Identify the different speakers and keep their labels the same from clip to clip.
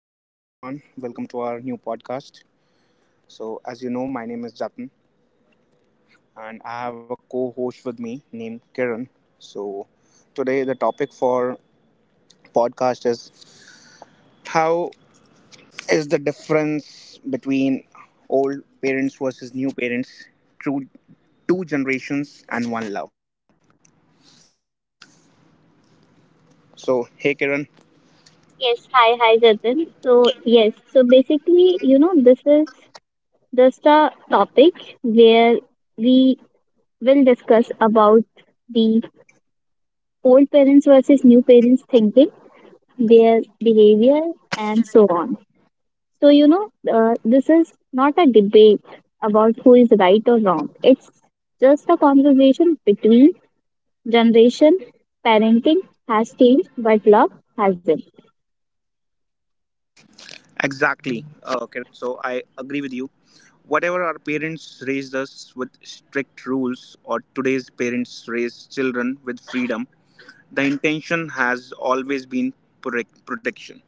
Speaker 1: So, hello everyone, welcome to our new podcast. So, as you know, my name is Jatin and I have a co host with me named Kiran. So, today the topic for podcast is how is the difference between old parents versus new parents through two generations and one love? So, hey Kiran,
Speaker 2: Yes, hi, Jatin. So, yes, so basically, you know, this is just a topic where we will discuss about the old parents versus new parents thinking, their behavior, and so on. So, you know, this is not a debate about who is right or wrong. It's just a conversation between generation. Parenting has changed, but love hasn't.
Speaker 1: exactly, Kiran. So I agree with you. Whatever our parents raised us with strict rules, or today's parents raise children with freedom, the intention has always been protection.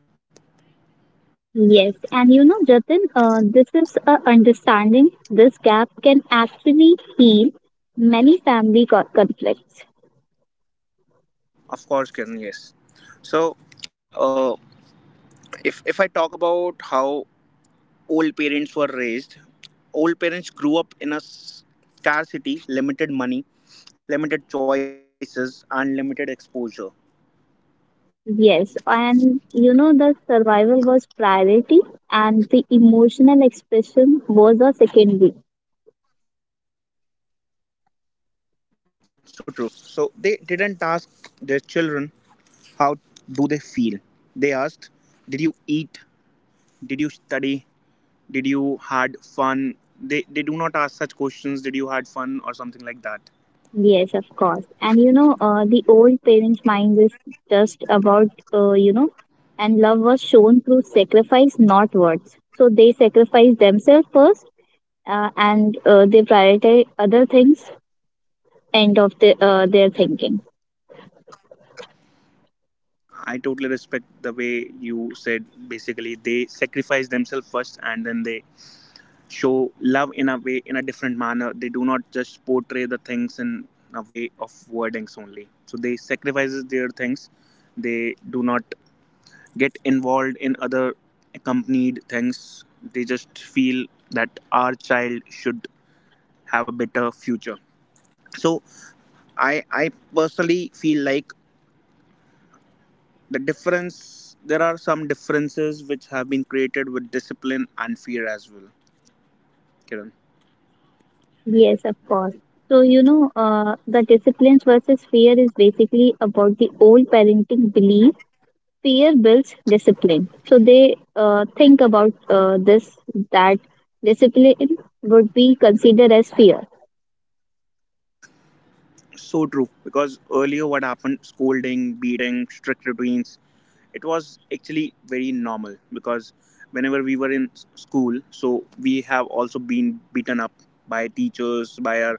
Speaker 2: Yes, and you know, Jatin, this is a understanding. This gap can actually heal many family conflicts.
Speaker 1: Of course, Kiran, yes. So uh, if I talk about how old parents were raised, old parents grew up in a scarcity, limited money, limited choices, and limited exposure.
Speaker 2: Yes, and you know, the survival was priority, and the emotional expression was a secondary.
Speaker 1: So true. So they didn't ask their children how do they feel. They asked, "Did you eat? Did you study? Did you had fun?" They do not ask such questions. Did you had fun or something like that?
Speaker 2: Yes, of course. And you know, the old parents' mind is just about, and love was shown through sacrifice, not words. So they sacrifice themselves first, and they prioritize other things end of their thinking.
Speaker 1: I totally respect the way you said. Basically, they sacrifice themselves first, and then they show love in a way in a different manner. They do not just portray the things in a way of wordings only. So they sacrifices their things. They do not get involved in other accompanied things, they just feel that our child should have a better future. So i i personally feel like the difference, there are some differences which have been created with discipline and fear as well, Kiran.
Speaker 2: Yes, of course. So, you know, the disciplines versus fear is basically about the old parenting belief fear builds discipline. So, they think about this that discipline would be considered as fear.
Speaker 1: So true, because earlier what happened, scolding, beating, strict routines, it was actually very normal, because whenever we were in school, so we have also been beaten up by teachers, by our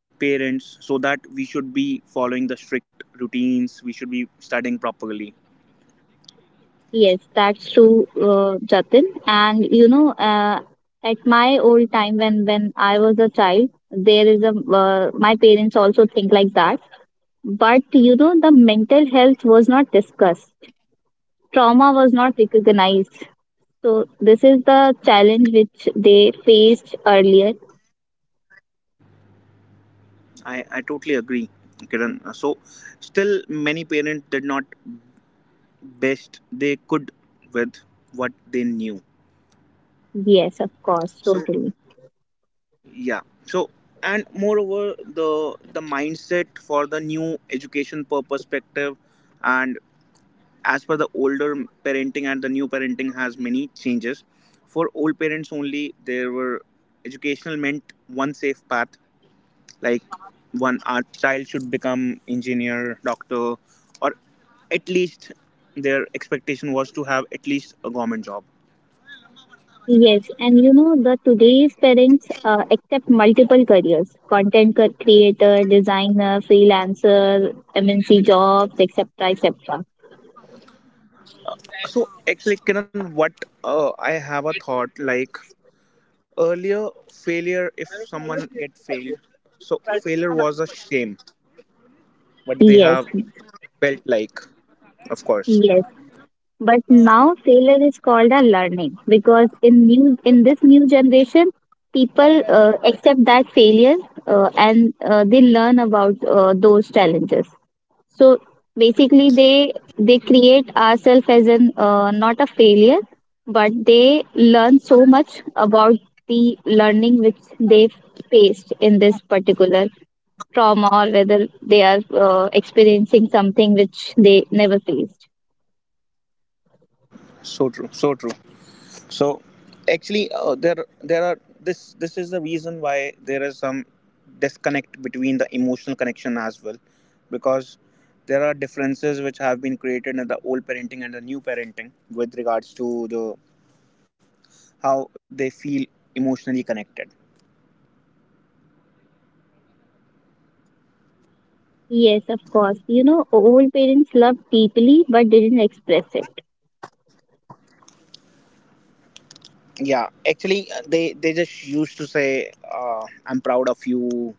Speaker 1: parents, so that we should be following the strict routines, we should be studying properly.
Speaker 2: Yes, that's true, Jatin. And, you know, at my old time when I was a child, there is a my parents also think like that. But you know, the mental health was not discussed, trauma was not recognized. So, this is the challenge which they faced earlier.
Speaker 1: I totally agree, Kiran. So still many parents did not best they could with what they knew.
Speaker 2: Yes, of course,
Speaker 1: so
Speaker 2: totally.
Speaker 1: yeah so and moreover, the the mindset for the new education perspective, and as per the older parenting and the new parenting has many changes. For old parents only there were educational meant one safe path, like one, our child should become engineer, doctor, or at least their expectation was to have at least a government job.
Speaker 2: Yes, and you know, the today's parents accept multiple careers content creator, designer, freelancer, MNC jobs, etc. etc.
Speaker 1: So actually Kiran, what, I have a thought like earlier, failure, if someone get failed, so failure was a shame, what they
Speaker 2: Yes,
Speaker 1: have felt like, of course.
Speaker 2: yes. But now failure is called a learning because in this new generation, people accept that failure and they learn about those challenges. So basically, they create ourselves as an not a failure, but they learn so much about the learning which they've faced in this particular trauma or whether they are experiencing something which they never faced.
Speaker 1: So true, so true. So actually, there there are this this is the reason why there is some disconnect between the emotional connection as well, because there are differences which have been created in the old parenting and the new parenting with regards to the how they feel emotionally connected.
Speaker 2: Yes, of course. You know, old parents loved deeply but didn't express it.
Speaker 1: Yeah, actually, they just used to say, "I'm proud of you,"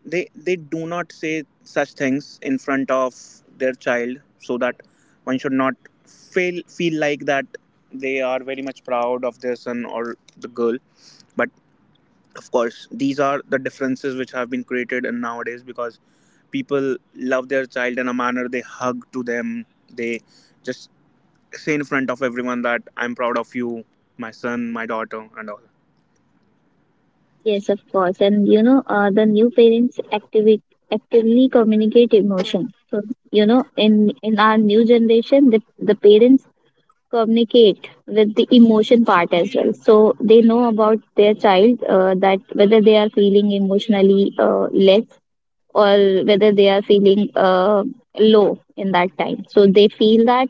Speaker 1: they do not say such things in front of their child so that one should not feel like that they are very much proud of their son or the girl. But of course these are the differences which have been created, and nowadays, because people love their child in a manner, they hug to them, they just say in front of everyone that I'm proud of you, my son, my daughter and all.
Speaker 2: Yes, of course. And you know, the new parents activate actively communicate emotion. So you know, in our new generation, the parents communicate with the emotion part as well. So they know about their child that whether they are feeling emotionally less or whether they are feeling low in that time. So they feel that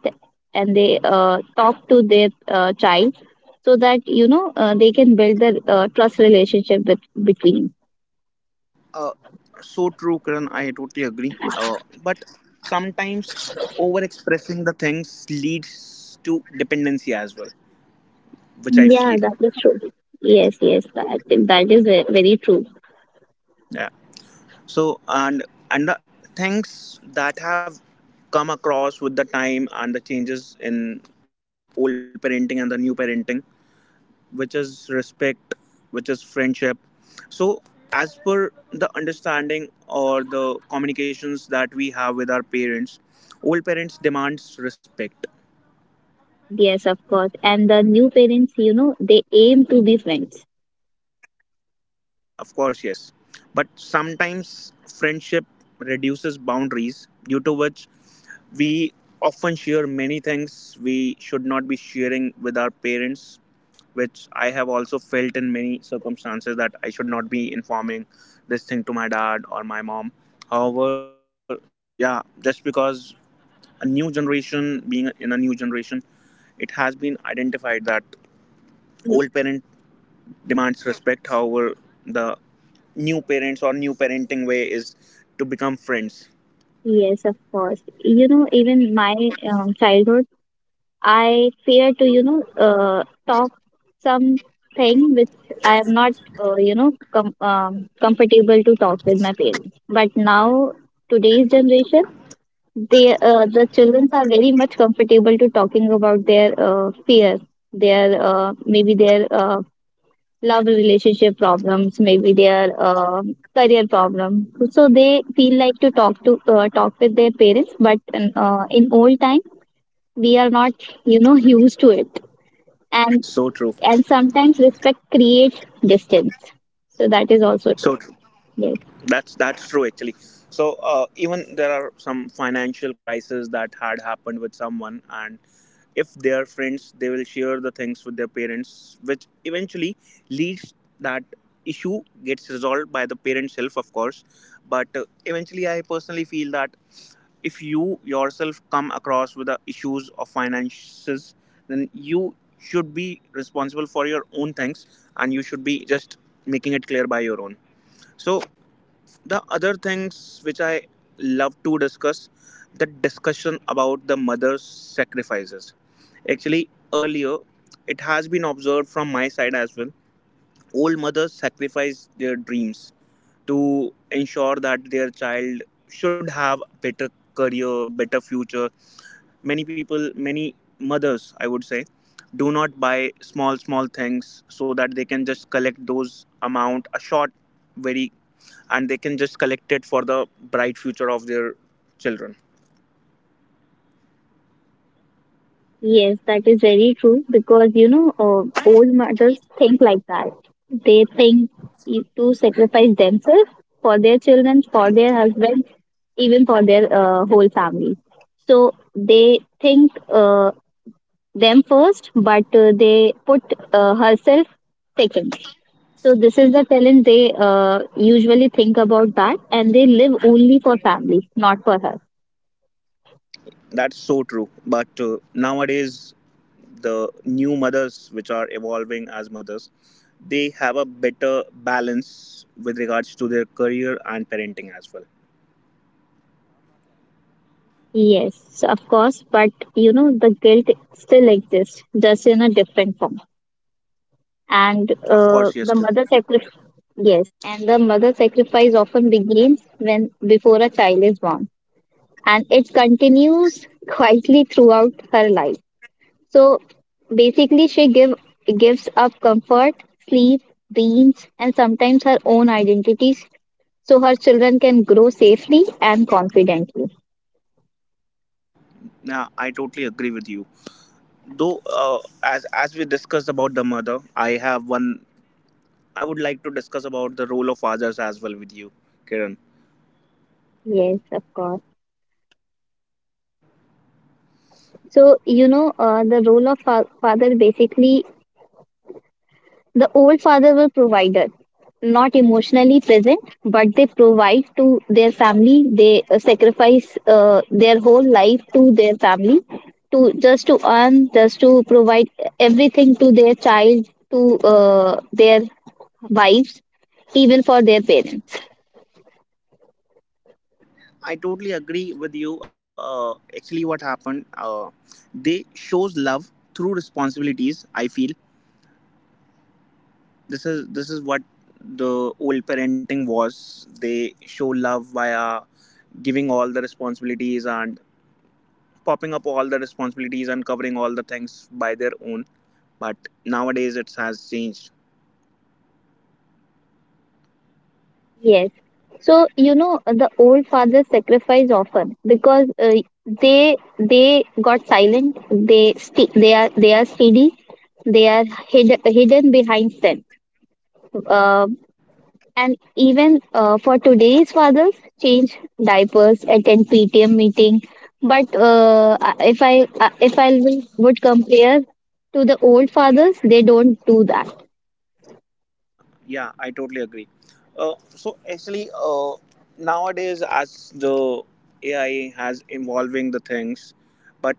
Speaker 2: and they talk to their child so that you know they can build the trust relationship with, between.
Speaker 1: Uh, so true, Karan. I totally agree. But sometimes over expressing the things leads to dependency as well, which I
Speaker 2: Yeah,
Speaker 1: feel.
Speaker 2: that is true. Yes, yes, that is very true.
Speaker 1: Yeah. So and the things that have come across with the time and the changes in old parenting and the new parenting, which is respect, which is friendship. So as per the understanding or the communications that we have with our parents, old parents demands respect.
Speaker 2: Yes, of course. And the new parents, you know, they aim to be friends.
Speaker 1: Of course, yes. But sometimes friendship reduces boundaries, due to which we often share many things we should not be sharing with our parents, which I have also felt in many circumstances that I should not be informing this thing to my dad or my mom. However, yeah, just because a new generation, being in a new generation, it has been identified that old
Speaker 2: Y-
Speaker 1: parent demands respect. However, the new parents or new parenting way is to become friends.
Speaker 2: Yes, of course. You know, even my childhood I fear to, you know, talk something which I am not, comfortable to talk with my parents. But now, today's generation, they, the children are very much comfortable to talking about their fear, their maybe their love relationship problems, maybe their career problem. So they feel like to talk to talk with their parents. But in old time, we are not, you know, used to it, and
Speaker 1: So true,
Speaker 2: and sometimes respect creates distance, so that is also true.
Speaker 1: so true.
Speaker 2: Yes.
Speaker 1: That's true actually. So even there are some financial crises that had happened with someone, and if they are friends they will share the things with their parents, which eventually leads that issue gets resolved by the parent self, of course. But eventually I personally feel that if you yourself come across with the issues of finances, then you should be responsible for your own things, and you should be just making it clear by your own. So the other things which I love to discuss, the discussion about the mother's sacrifices. Actually earlier it has been observed from my side as well, old mothers sacrifice their dreams to ensure that their child should have a better career, better future. Many people, many mothers I would say, do not buy small small things so that they can just collect those amount a short very, and they can just collect it for the bright future of their children.
Speaker 2: Yes, that is very true because you know, old mothers think like that. They think to sacrifice themselves for their children, for their husband, even for their whole family. So they think them first, but they put herself second. So this is the talent they usually think about that, and they live only for family, not for her.
Speaker 1: That's so true, but nowadays the new mothers which are evolving as mothers, they have a better balance with regards to their career and parenting as well.
Speaker 2: Yes, so of course, but you know the guilt still exists, just in a different form. And
Speaker 1: Of course, yes,
Speaker 2: the mother sacrifice, yes, and the mother sacrifice often begins when before a child is born, and it continues quietly throughout her life. So basically, she gives up comfort, sleep, dreams, and sometimes her own identities, so her children can grow safely and confidently.
Speaker 1: yeah, I totally agree with you. Though as we discussed about the mother, I have one, I would like to discuss about the role of fathers as well with you, Kiran.
Speaker 2: Yes, of course. So you know, the role of father basically, the old father will provider, not emotionally present, but they provide to their family. They sacrifice their whole life to their family, to just to earn, just to provide everything to their child, to their wives, even for their parents.
Speaker 1: I totally agree with you. Actually what happened, they shows love through responsibilities, I feel. This is what the old parenting was. They show love via giving all the responsibilities and popping up all the responsibilities and covering all the things by their own. But nowadays it has changed.
Speaker 2: Yes. So you know the old fathers sacrifice often because they got silent. They sti they are steady. They are hidden behind strength. Uh, and even for today's fathers, change diapers, attend PTM meeting. But if I would compare to the old fathers, they don't do that.
Speaker 1: Yeah, I totally agree. So actually, nowadays as the AI has evolving the things, but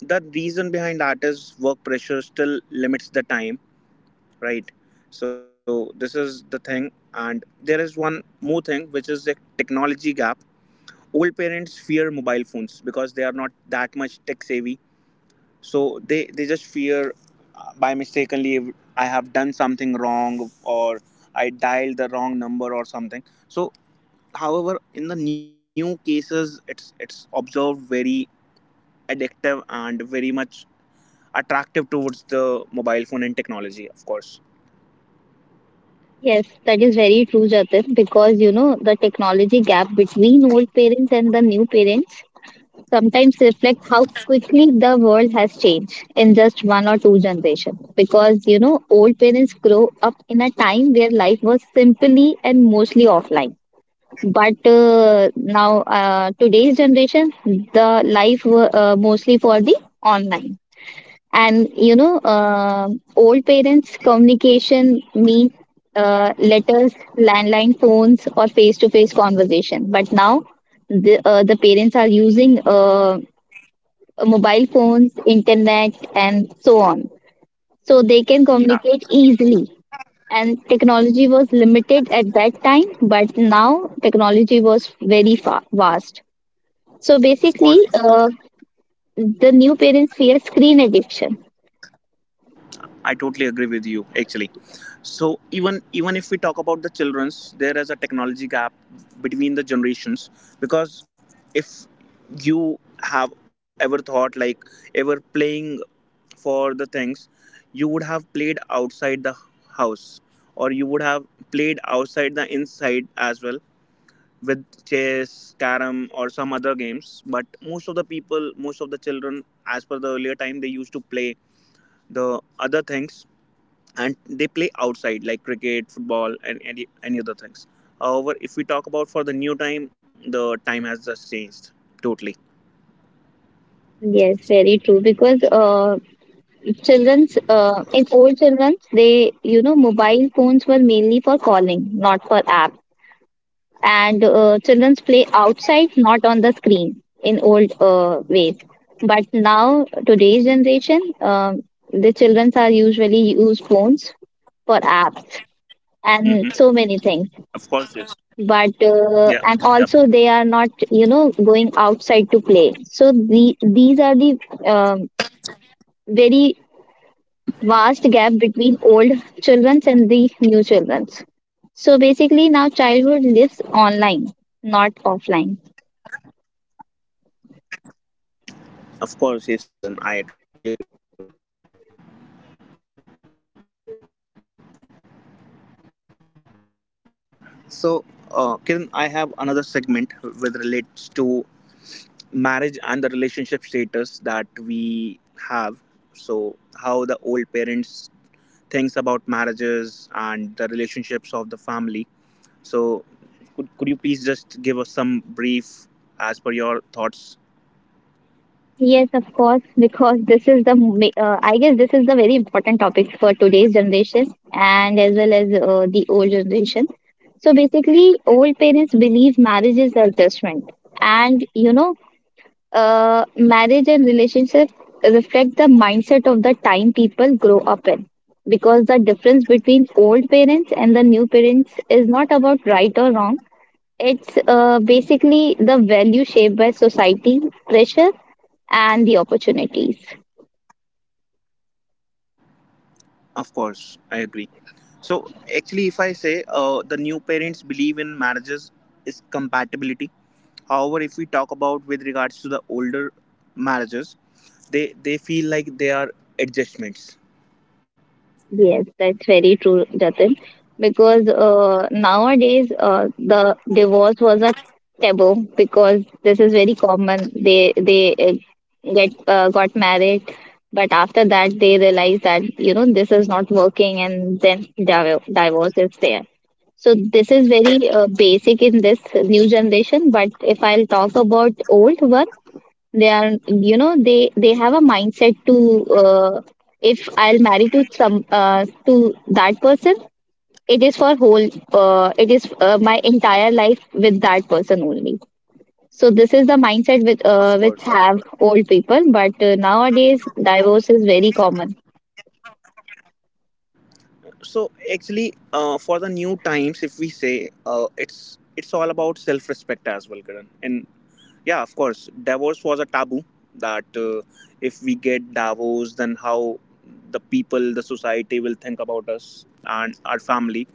Speaker 1: the reason behind that is work pressure still limits the time, right? So this is the thing, and there is one more thing which is the technology gap. Old parents fear mobile phones because they are not that much tech savvy, so they just fear, by mistakenly if I have done something wrong or I dialed the wrong number or something. So however in the new cases it's observed very addictive and very much attractive towards the mobile phone and technology, of course.
Speaker 2: Yes, that is very true, Jatin, because you know the technology gap between old parents and the new parents sometimes reflect how quickly the world has changed in just one or two generations. Because you know, old parents grow up in a time where life was simply and mostly offline. But now, today's generation, the life mostly for the online. And you know, old parents communication mean letters, landline phones or face to face conversation. But now the parents are using mobile phones, internet and so on, so they can communicate easily. And technology was limited at that time, but now technology was very vast. So
Speaker 1: Of
Speaker 2: basically,
Speaker 1: course,
Speaker 2: the new parents fear screen addiction.
Speaker 1: I totally agree with you actually. So even if we talk about the children's, there is a technology gap between the generations, because if you have ever thought like ever playing for the things, you would have played outside the house, or you would have played outside the inside as well, with chess, carom or some other games. But most of the people, most of the children as per the earlier time they used to play the other things, and they play outside like cricket, football and any other things. However, if we talk about for the new time, the time has just changed totally.
Speaker 2: Yes, very true. Because Children's in old children's, they you know mobile phones were mainly for calling, not for apps. And children's play outside, not on the screen in old ways. But now today's generation, the childrens are usually use phones for apps
Speaker 1: Hmm,
Speaker 2: and so many things.
Speaker 1: of course, yes.
Speaker 2: But uh,
Speaker 1: Yeah,
Speaker 2: and
Speaker 1: yeah.
Speaker 2: also they are not, you know, going outside to play. So these are the um, very vast gap between old children's and the new children's. So basically, now childhood lives online, not offline.
Speaker 1: Of course yes Charan, I totally agree with you. Yeah so uh, Kiran, I have another segment with relates to marriage and the relationship status that we have. So how the old parents thinks about marriages and the relationships of the family. So, could you please just give us some brief as per your thoughts?
Speaker 2: Yes, of course, because this is the I guess this is the very important topic for today's generation and as well as the old generation. So basically, old parents believe marriage is adjustment, and you know, marriage and relationship reflect the mindset of the time people grow up in, because the difference between old parents and the new parents is not about right or wrong. It's basically the value shaped by society pressure and the opportunities.
Speaker 1: Of course, I agree. So, actually, if I say the new parents believe in marriages is compatibility. However, if we talk about with regards to the older marriages, they feel like they are adjustments.
Speaker 2: Yes, that's very true, Jatin. Because nowadays the divorce was a taboo, because this is very common. They get got married, but after that they realize that you know this is not working, and then divorce is there. So this is very basic in this new generation. But if I'll talk about old one, they are you know they have a mindset to if I'll marry to some to that person, it is for whole it is my entire life with that person only. So this is the mindset with
Speaker 1: Of course.
Speaker 2: which have old people, but nowadays divorce is very common.
Speaker 1: So actually, for the new times, if we say, it's all about self-respect as well, Karan, in yeah, of course. Divorce was a taboo that if we get divorced, then how the people, the society will think about us and our family.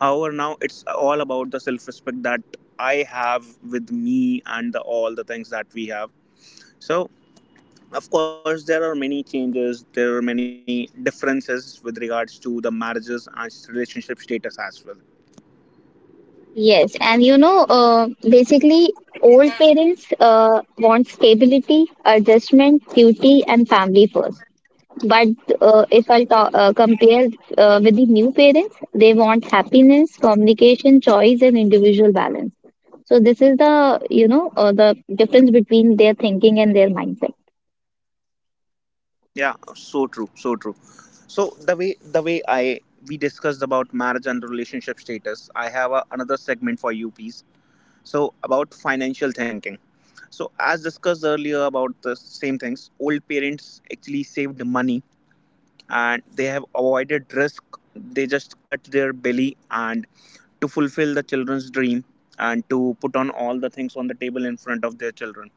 Speaker 1: However, now it's all about the self respect that I have with me and the, all the things that we have. So, of course, there are many changes, there are many differences with regards to the marriages and relationship status as well.
Speaker 2: Yes, and you know, basically old parents want stability, adjustment, duty and family first. But if I compare with the new parents, they want happiness, communication, choice, and individual balance. So this is the you know the difference between their thinking and their mindset.
Speaker 1: Yeah so true, so true. So the way the way i we discussed about marriage and relationship status, I have a, another segment for you please. So about financial thinking. So as discussed earlier about the same things, old parents actually saved money and they have avoided risk, they just cut their belly and to fulfill the children's dream, and to put on all the things on the table in front of their children.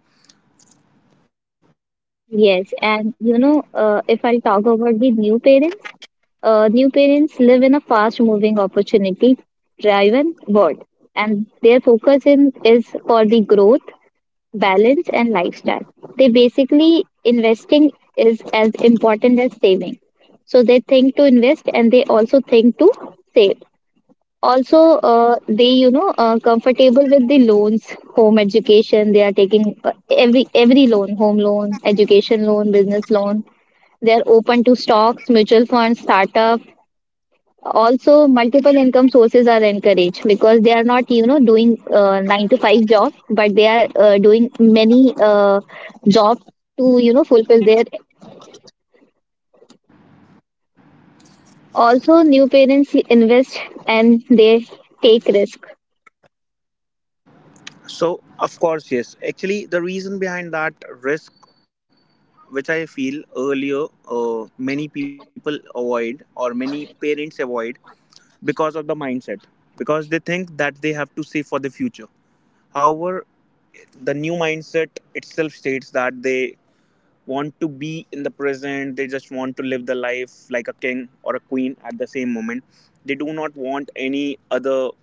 Speaker 2: Yes, and you know if I talk about the new parents live in a fast-moving, opportunity-driven world, and their focus in is for the growth, balance and lifestyle. They basically investing is as important as saving. So they think to invest, and they also think to save. Also, they you know comfortable with the loans, home education. They are taking every loan, home loan, education loan, business loan. They are open to stocks, mutual funds, startup, also, multiple income sources are encouraged because they are not, you know, doing 9 to 5 job, but they are doing many jobs to, you know, fulfill their. Also, new parents invest and they take risk.
Speaker 1: So of course yes, actually the reason behind that risk which I feel earlier, many people avoid or many parents avoid, because of the mindset, because they think that they have to save for the future. However, the new mindset itself states that they want to be in the present. They just want to live the life like a king or a queen at the same moment. They do not want any other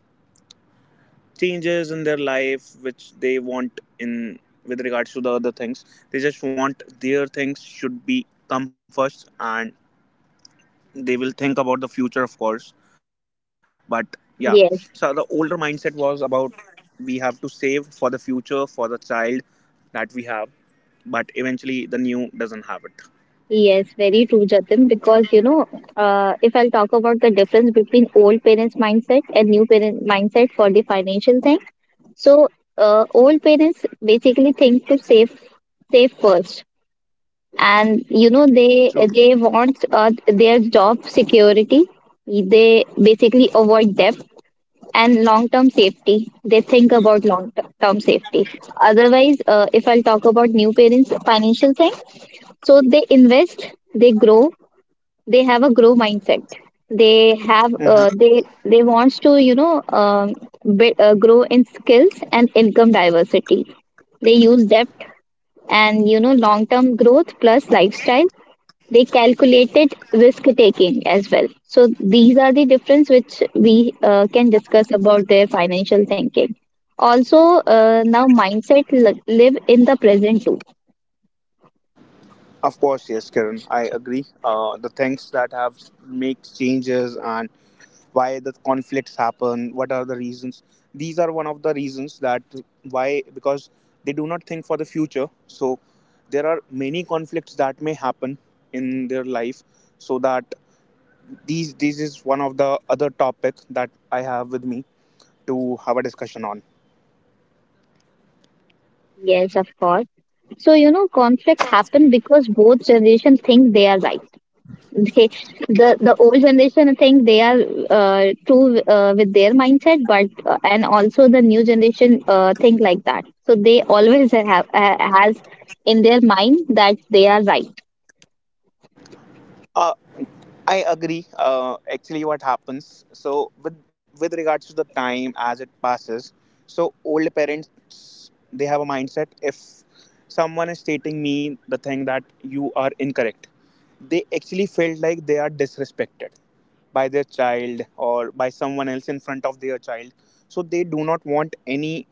Speaker 1: changes in their life which they want in with regards to the other things. They just want their things should be come first, and they will think about the future, of course, but yeah. So the
Speaker 2: Yes,
Speaker 1: older mindset was about we have to save for the future, for the child that we have, but eventually the new doesn't have it.
Speaker 2: yes, very true, Jatin. Because you know, if I'll talk about the difference between old parents' mindset and new parent mindset for the financial thing, so old parents basically think to save, save first, and you know they want their job security. They basically avoid debt and long term safety. They think about long term safety. Otherwise, if I'll talk about new parents financial thing, so they invest, they grow, they have a grow mindset. They have
Speaker 1: Hmm.
Speaker 2: they wants to you know grow in skills and income diversity. They use debt, and you know long term growth plus lifestyle. They calculated risk taking as well. So these are the difference which we can discuss about their financial thinking. Also, now mindset live in the present too.
Speaker 1: Of course, yes, Kiran, I agree. The things that have makes changes and. Why the conflicts happen, what are the reasons? These are one of the reasons that why, because they do not think for the future. So there are many conflicts that may happen in their life, so that these this is one of the other topic that I have with me to have a discussion on.
Speaker 2: Yes, of course. So you know, conflict happen because both generation think they are right. They, the old generation think they are true with their mindset, but and also the new generation think like that. So they always have has in their mind that they are right.
Speaker 1: Uh, I agree. Actually, what happens? So, with regards to the time as it passes, so old parents they have a mindset. If someone is stating me the thing that you are incorrect, they actually felt like they are disrespected by their child or by someone else in front of their child. So they do not want any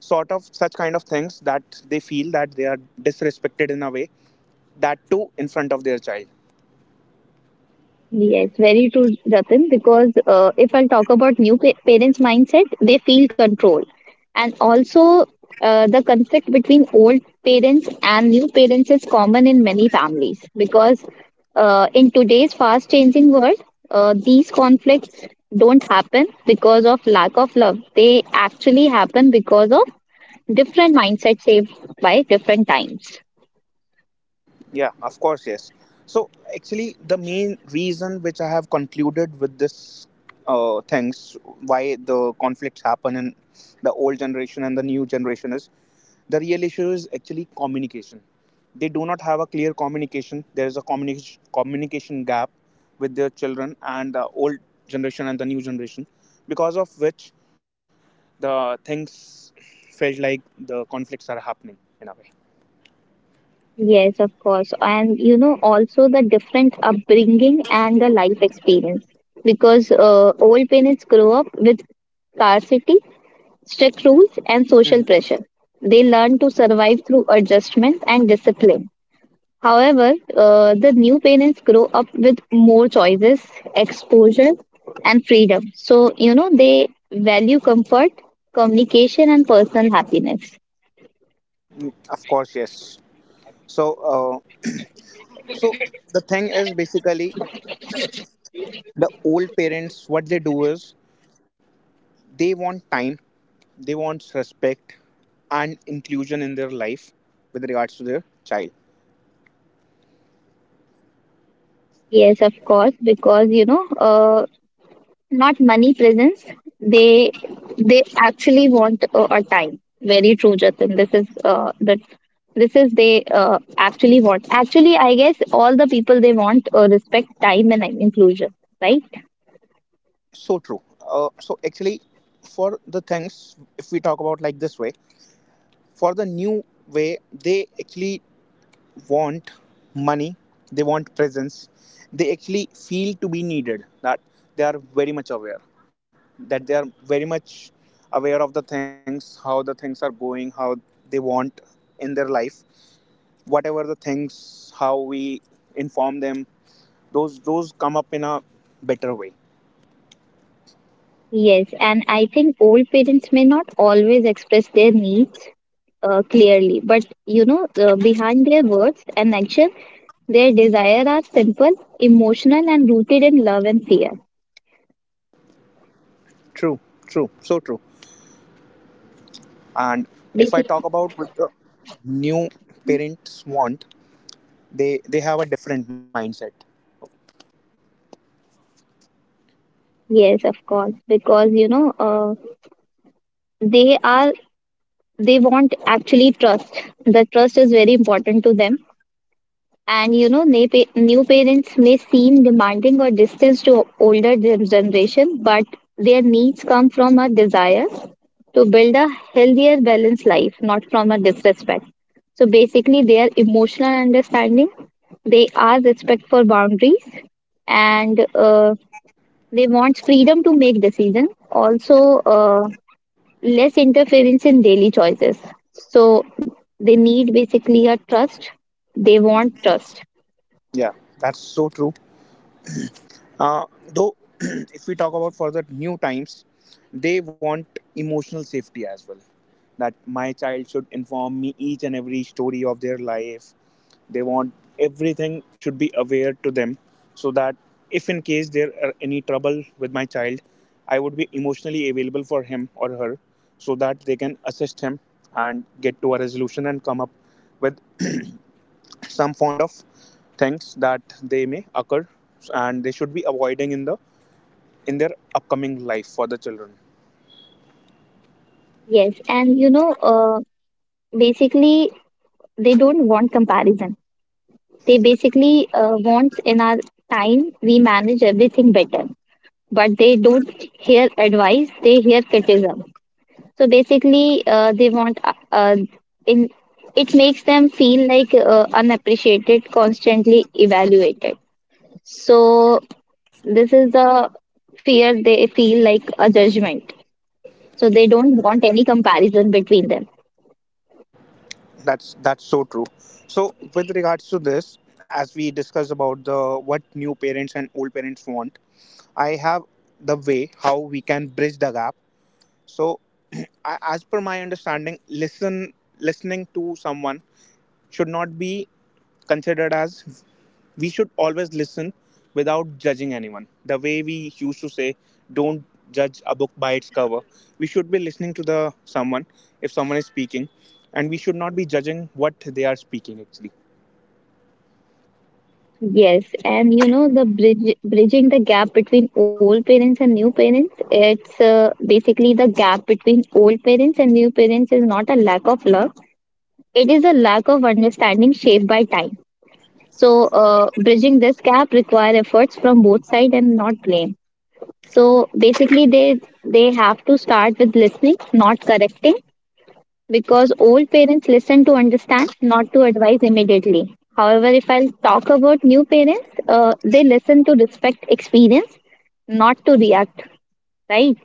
Speaker 1: sort of such kind of things that they feel that they are disrespected in a way, that too in front of their child.
Speaker 2: Yes, very true, Jatin. Because if I'll talk about new parents' mindset, they feel control, and also the conflict between old parents and new parents is common in many families. Because in today's fast-changing world, these conflicts don't happen because of lack of love. They actually happen because of different mindset shaped by different times.
Speaker 1: Yeah, of course, yes. So actually, the main reason which I have concluded with this things, why the conflicts happen in the old generation and the new generation is the real issue is actually communication. They do not have a clear communication. There is a communication gap with their children, and the old generation and the new generation, because of which the things felt like the conflicts are happening in a way.
Speaker 2: Yes, of course. And you know, also the different upbringing and the life experience. Because old parents grow up with scarcity, strict rules,
Speaker 1: Mhm.
Speaker 2: and social pressure. They learn to survive through adjustment and discipline. However, the new parents grow up with more choices, exposure, and freedom. So, you know, they value comfort, communication, and personal happiness.
Speaker 1: Of course, yes. So uh, So the thing is basically the old parents what they do is they want time, they want respect and inclusion in their life with regards to their child.
Speaker 2: Yes, of course, because you know, not money presence, they they actually want a time. Very true, Jatin. This is the this is they actually want. Actually, I guess all the people they want respect, time, and inclusion, right?
Speaker 1: So true. So actually, for the things, if we talk about like this way, for the new way they actually want money, they want presence. They actually feel to be needed, that they are very much aware, that they are very much aware of the things, how the things are going, how they want in their life, whatever the things, how we inform them, those come up in a better way.
Speaker 2: Yes, and I think old parents may not always express their needs clearly, but you know behind their words and action their desire are simple, emotional, and rooted in love and fear.
Speaker 1: True, true, so true. And if I talk
Speaker 2: Basically,
Speaker 1: about what the new parents want, they have a different mindset.
Speaker 2: yes, of course, because you know they are, they want actually trust. The trust is very important to them. And you know, they pay, new parents may seem demanding or distant to older generation, but their needs come from a desire to build a healthier balanced life, not from a disrespect. So basically, their emotional understanding, they are respect for boundaries, and they want freedom to make decisions. Also, less interference in daily choices. So they need basically a trust. They want trust.
Speaker 1: Yeah, that's so true. Uh, though, if we talk about for the new times, they want emotional safety as well. That my child should inform me each and every story of their life. They want everything should be aware to them, so that if in case there are any trouble with my child, I would be emotionally available for him or her, so that they can assist him and get to a resolution and come up with some fond of things that they may occur, and they should be avoiding in the in their upcoming life for the children.
Speaker 2: Yes, and you know, basically they don't want comparison. They basically want in our time we manage everything better, but they don't hear advice. They hear criticism. So basically, they want in it makes them feel like unappreciated, constantly evaluated. So this is the fear. They feel like a judgment. So they don't want any comparison between them.
Speaker 1: That's so true. So with regards to this, as we discuss about the what new parents and old parents want, I have the way how we can bridge the gap. So as per my understanding, listen listening to someone should not be considered as, we should always listen without judging anyone. The way we used to say, don't judge a book by its cover. We should be listening to the someone if someone is speaking, and we should not be judging what they are speaking actually.
Speaker 2: Yes, and you know, the bridging the gap between old parents and new parents. It's basically the gap between old parents and new parents is not a lack of love. It is a lack of understanding shaped by time. So bridging this gap require efforts from both sides and not blame. So basically, they have to start with listening, not correcting, because old parents listen to understand, not to advise immediately. However, if I'll talk about new parents, they listen to respect experience, not to react, right?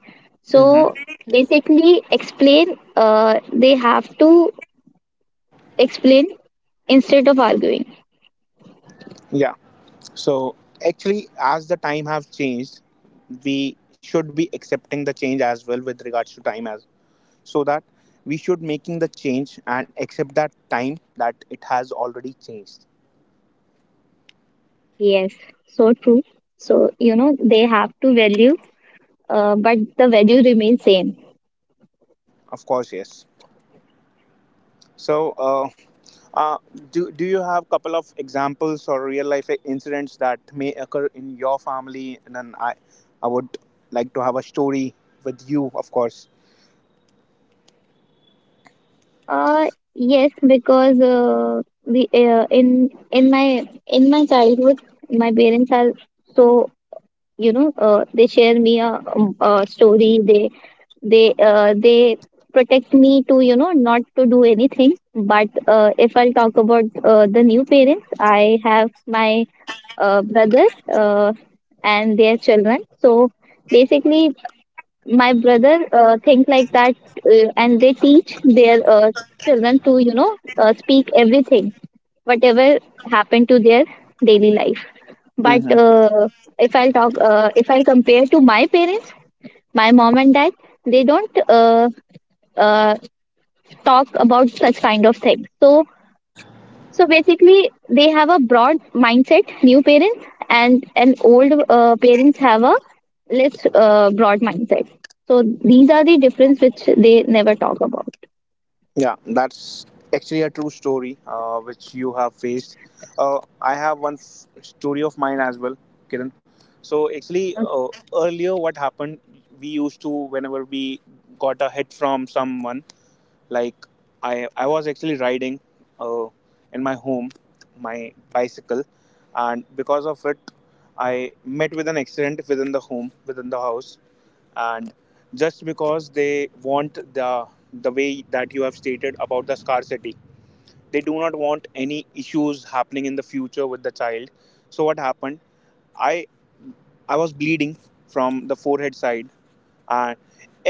Speaker 1: Hmm.
Speaker 2: So basically, explain, they have to explain instead of arguing.
Speaker 1: Yeah. So actually, as the time have changed, we should be accepting the change as well with regards to time, as so that we should making the change and accept that time that it has already changed.
Speaker 2: Yes, so true. So, you know, they have to value, but the value remains same.
Speaker 1: Of course, yes. So, uh, do you have couple of examples or real life incidents that may occur in your family? And then I would like to have a story with you, of course.
Speaker 2: Yes, because we in my childhood, my parents are, so you know they share me a story. They, they protect me to you know not to do anything. But if I'll talk about the new parents, I have my brother uh, and their children. So basically, my brother think like that, and they teach their children to you know speak everything whatever happened to their daily life. But
Speaker 1: Mm-hmm.
Speaker 2: if I compare to my parents, my mom and dad, they don't uh, talk about such kind of thing. So so basically they have a broad mindset, new parents, and an old parents have a let's broad mindset. So these are the difference which they never talk about.
Speaker 1: Yeah, that's actually a true story which you have faced. I have one story of mine as well, Kiran. So actually, earlier what happened, we used to whenever we got a hit from someone, like I was actually riding uh, in my home, my bicycle, and because of it I met with an accident within the home, within the house. And just because they want the way that you have stated about the scarcity, they do not want any issues happening in the future with the child. So what happened, i I was bleeding from the forehead side, and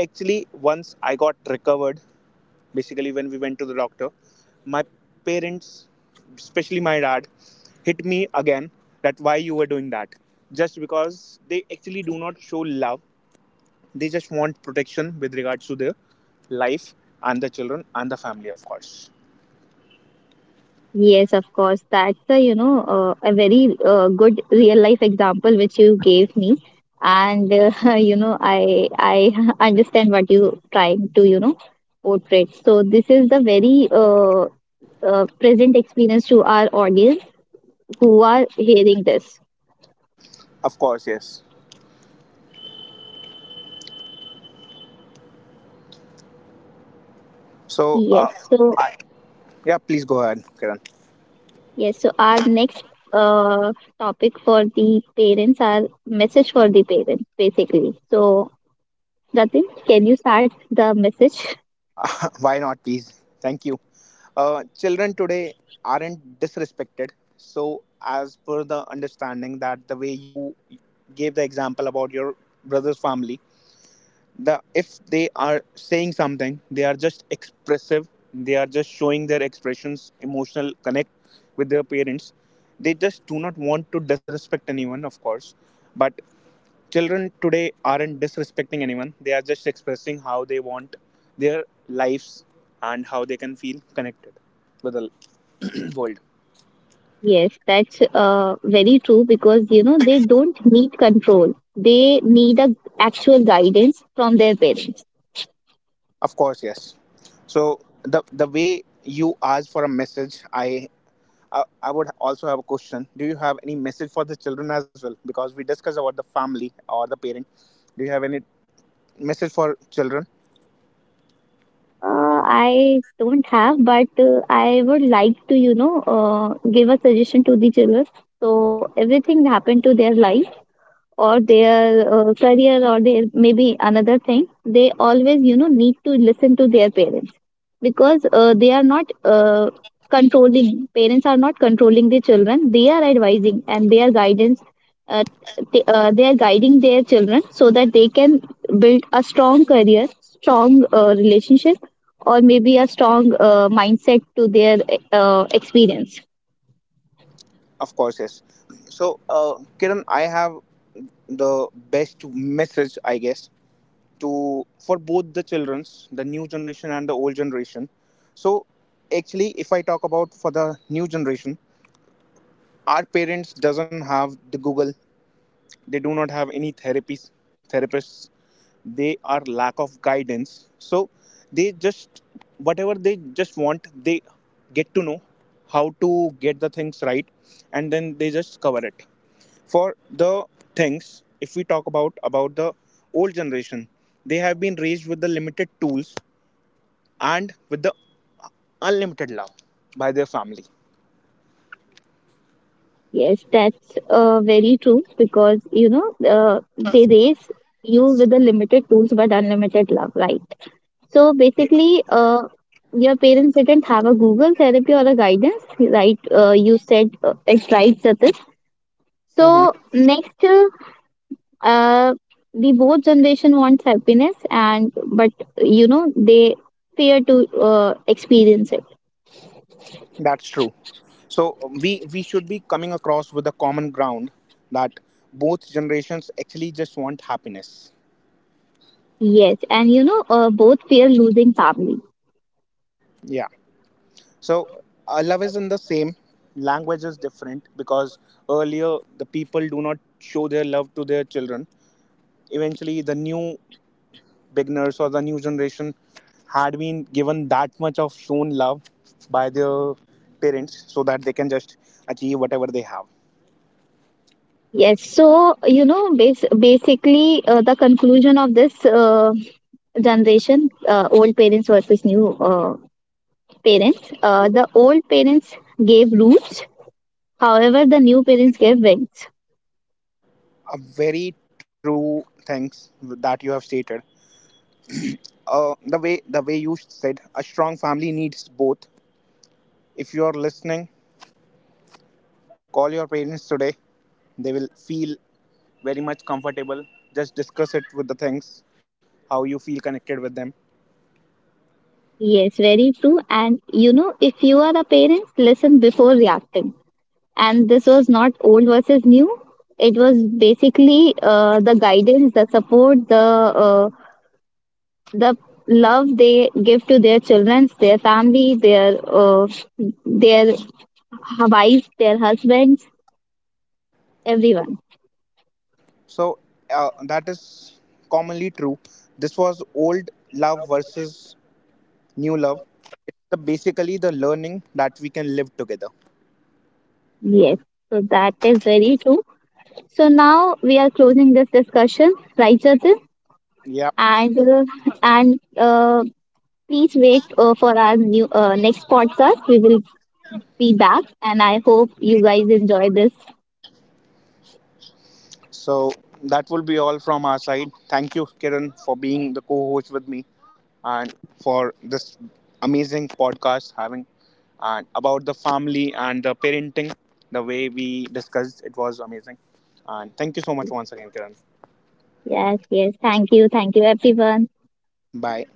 Speaker 1: actually once I got recovered, basically when we went to the doctor, my parents, especially my dad, hit me again, that why you were doing that. Just because they actually do not show love, they just want protection with regards to their life and the children and the family, of course.
Speaker 2: Yes, of course. That's a, you know, a very good real life example which you gave me, and you know I understand what you trying to you know portray. So this is the very present experience to our audience who are hearing this.
Speaker 1: Of course, yes. So
Speaker 2: Yes, so.
Speaker 1: I, yeah, please go ahead, Kiran.
Speaker 2: Yes, so our next uh, topic for the parents are message for the parents basically. So Jatin, can you start the message?
Speaker 1: Why not, please? Thank you. Children today aren't disrespected. So, as per the understanding that the way you gave the example about your brother's family, the if they are saying something, they are just expressive. They are just showing their expressions, emotional connect with their parents. They just do not want to disrespect anyone, of course. But children today aren't disrespecting anyone, they are just expressing how they want their lives, and how they can feel connected with the world.
Speaker 2: Yes, that's very true because you know they don't need control. They need a actual guidance from their parents.
Speaker 1: Of course, yes. So the way you ask for a message, I would also have a question. Do you have any message for the children as well? Because we discussed about the family or the parent. Do you have any message for children?
Speaker 2: I don't have, but I would like to you know give a suggestion to the children. So everything happened to their life or their career, or their maybe another thing, they always you know need to listen to their parents, because they are not controlling. Parents are not controlling the children, they are advising and their guidance. uh, they are guiding their children so that they can build a strong career, strong relationship, or maybe a strong mindset to their experience.
Speaker 1: Of course, yes. So, Kiran, I have the best message, I guess, to for both the childrens, the new generation and the old generation. So actually, if I talk about for the new generation, our parents doesn't have the Google, they do not have any therapies, therapists, they are lack of guidance. So they just whatever they just want, they get to know how to get the things right, and then they just cover it for the things. If we talk about the old generation, they have been raised with the limited tools and with the unlimited love by their family.
Speaker 2: Yes, that's very true, because you know they raise you with the limited tools but unlimited love, right? So basically, your parents didn't have a Google therapy or a guidance, right? You said it's right, Satin.
Speaker 1: Hmm.
Speaker 2: So next, uh, the both generation wants happiness, and but you know they fear to experience it.
Speaker 1: That's true. So we should be coming across with a common ground, that both generations actually just want happiness.
Speaker 2: Yes, and you know both fear losing family.
Speaker 1: Yeah. So love is in the same. Language is different because earlier the people do not show their love to their children. Eventually, the new beginners or the new generation had been given that much of shown love by their parents, so that they can just achieve whatever they have.
Speaker 2: Yes, so you know, basically, the conclusion of this generation, old parents versus new parents, the old parents gave roots, however, the new parents gave wings.
Speaker 1: A very true things that you have stated. The way the way you said, a strong family needs both. If you are listening, call your parents today, they will feel very much comfortable. Just discuss it with the things how you feel connected with them.
Speaker 2: Yes, very true. And you know, if you are a parent, listen before reacting. And this was not old versus new, it was basically the guidance, the support, the the love they give to their children, their family, their their wives, their husbands, everyone.
Speaker 1: So that is commonly true. This was old love versus new love. It's the, basically the learning that we can live together.
Speaker 2: Yes, so that is very true. So now we are closing this discussion, right, Jatin?
Speaker 1: Yeah.
Speaker 2: And and uh, please wait for our new next podcast. We will be back, and I hope you guys enjoy this.
Speaker 1: So that will be all from our side. Thank you, Kiran, for being the co-host with me, and for this amazing podcast having and about the family and the parenting. The way we discussed it was amazing. And thank you so much once again, Kiran.
Speaker 2: Yes, yes. Thank you, everyone.
Speaker 1: Bye.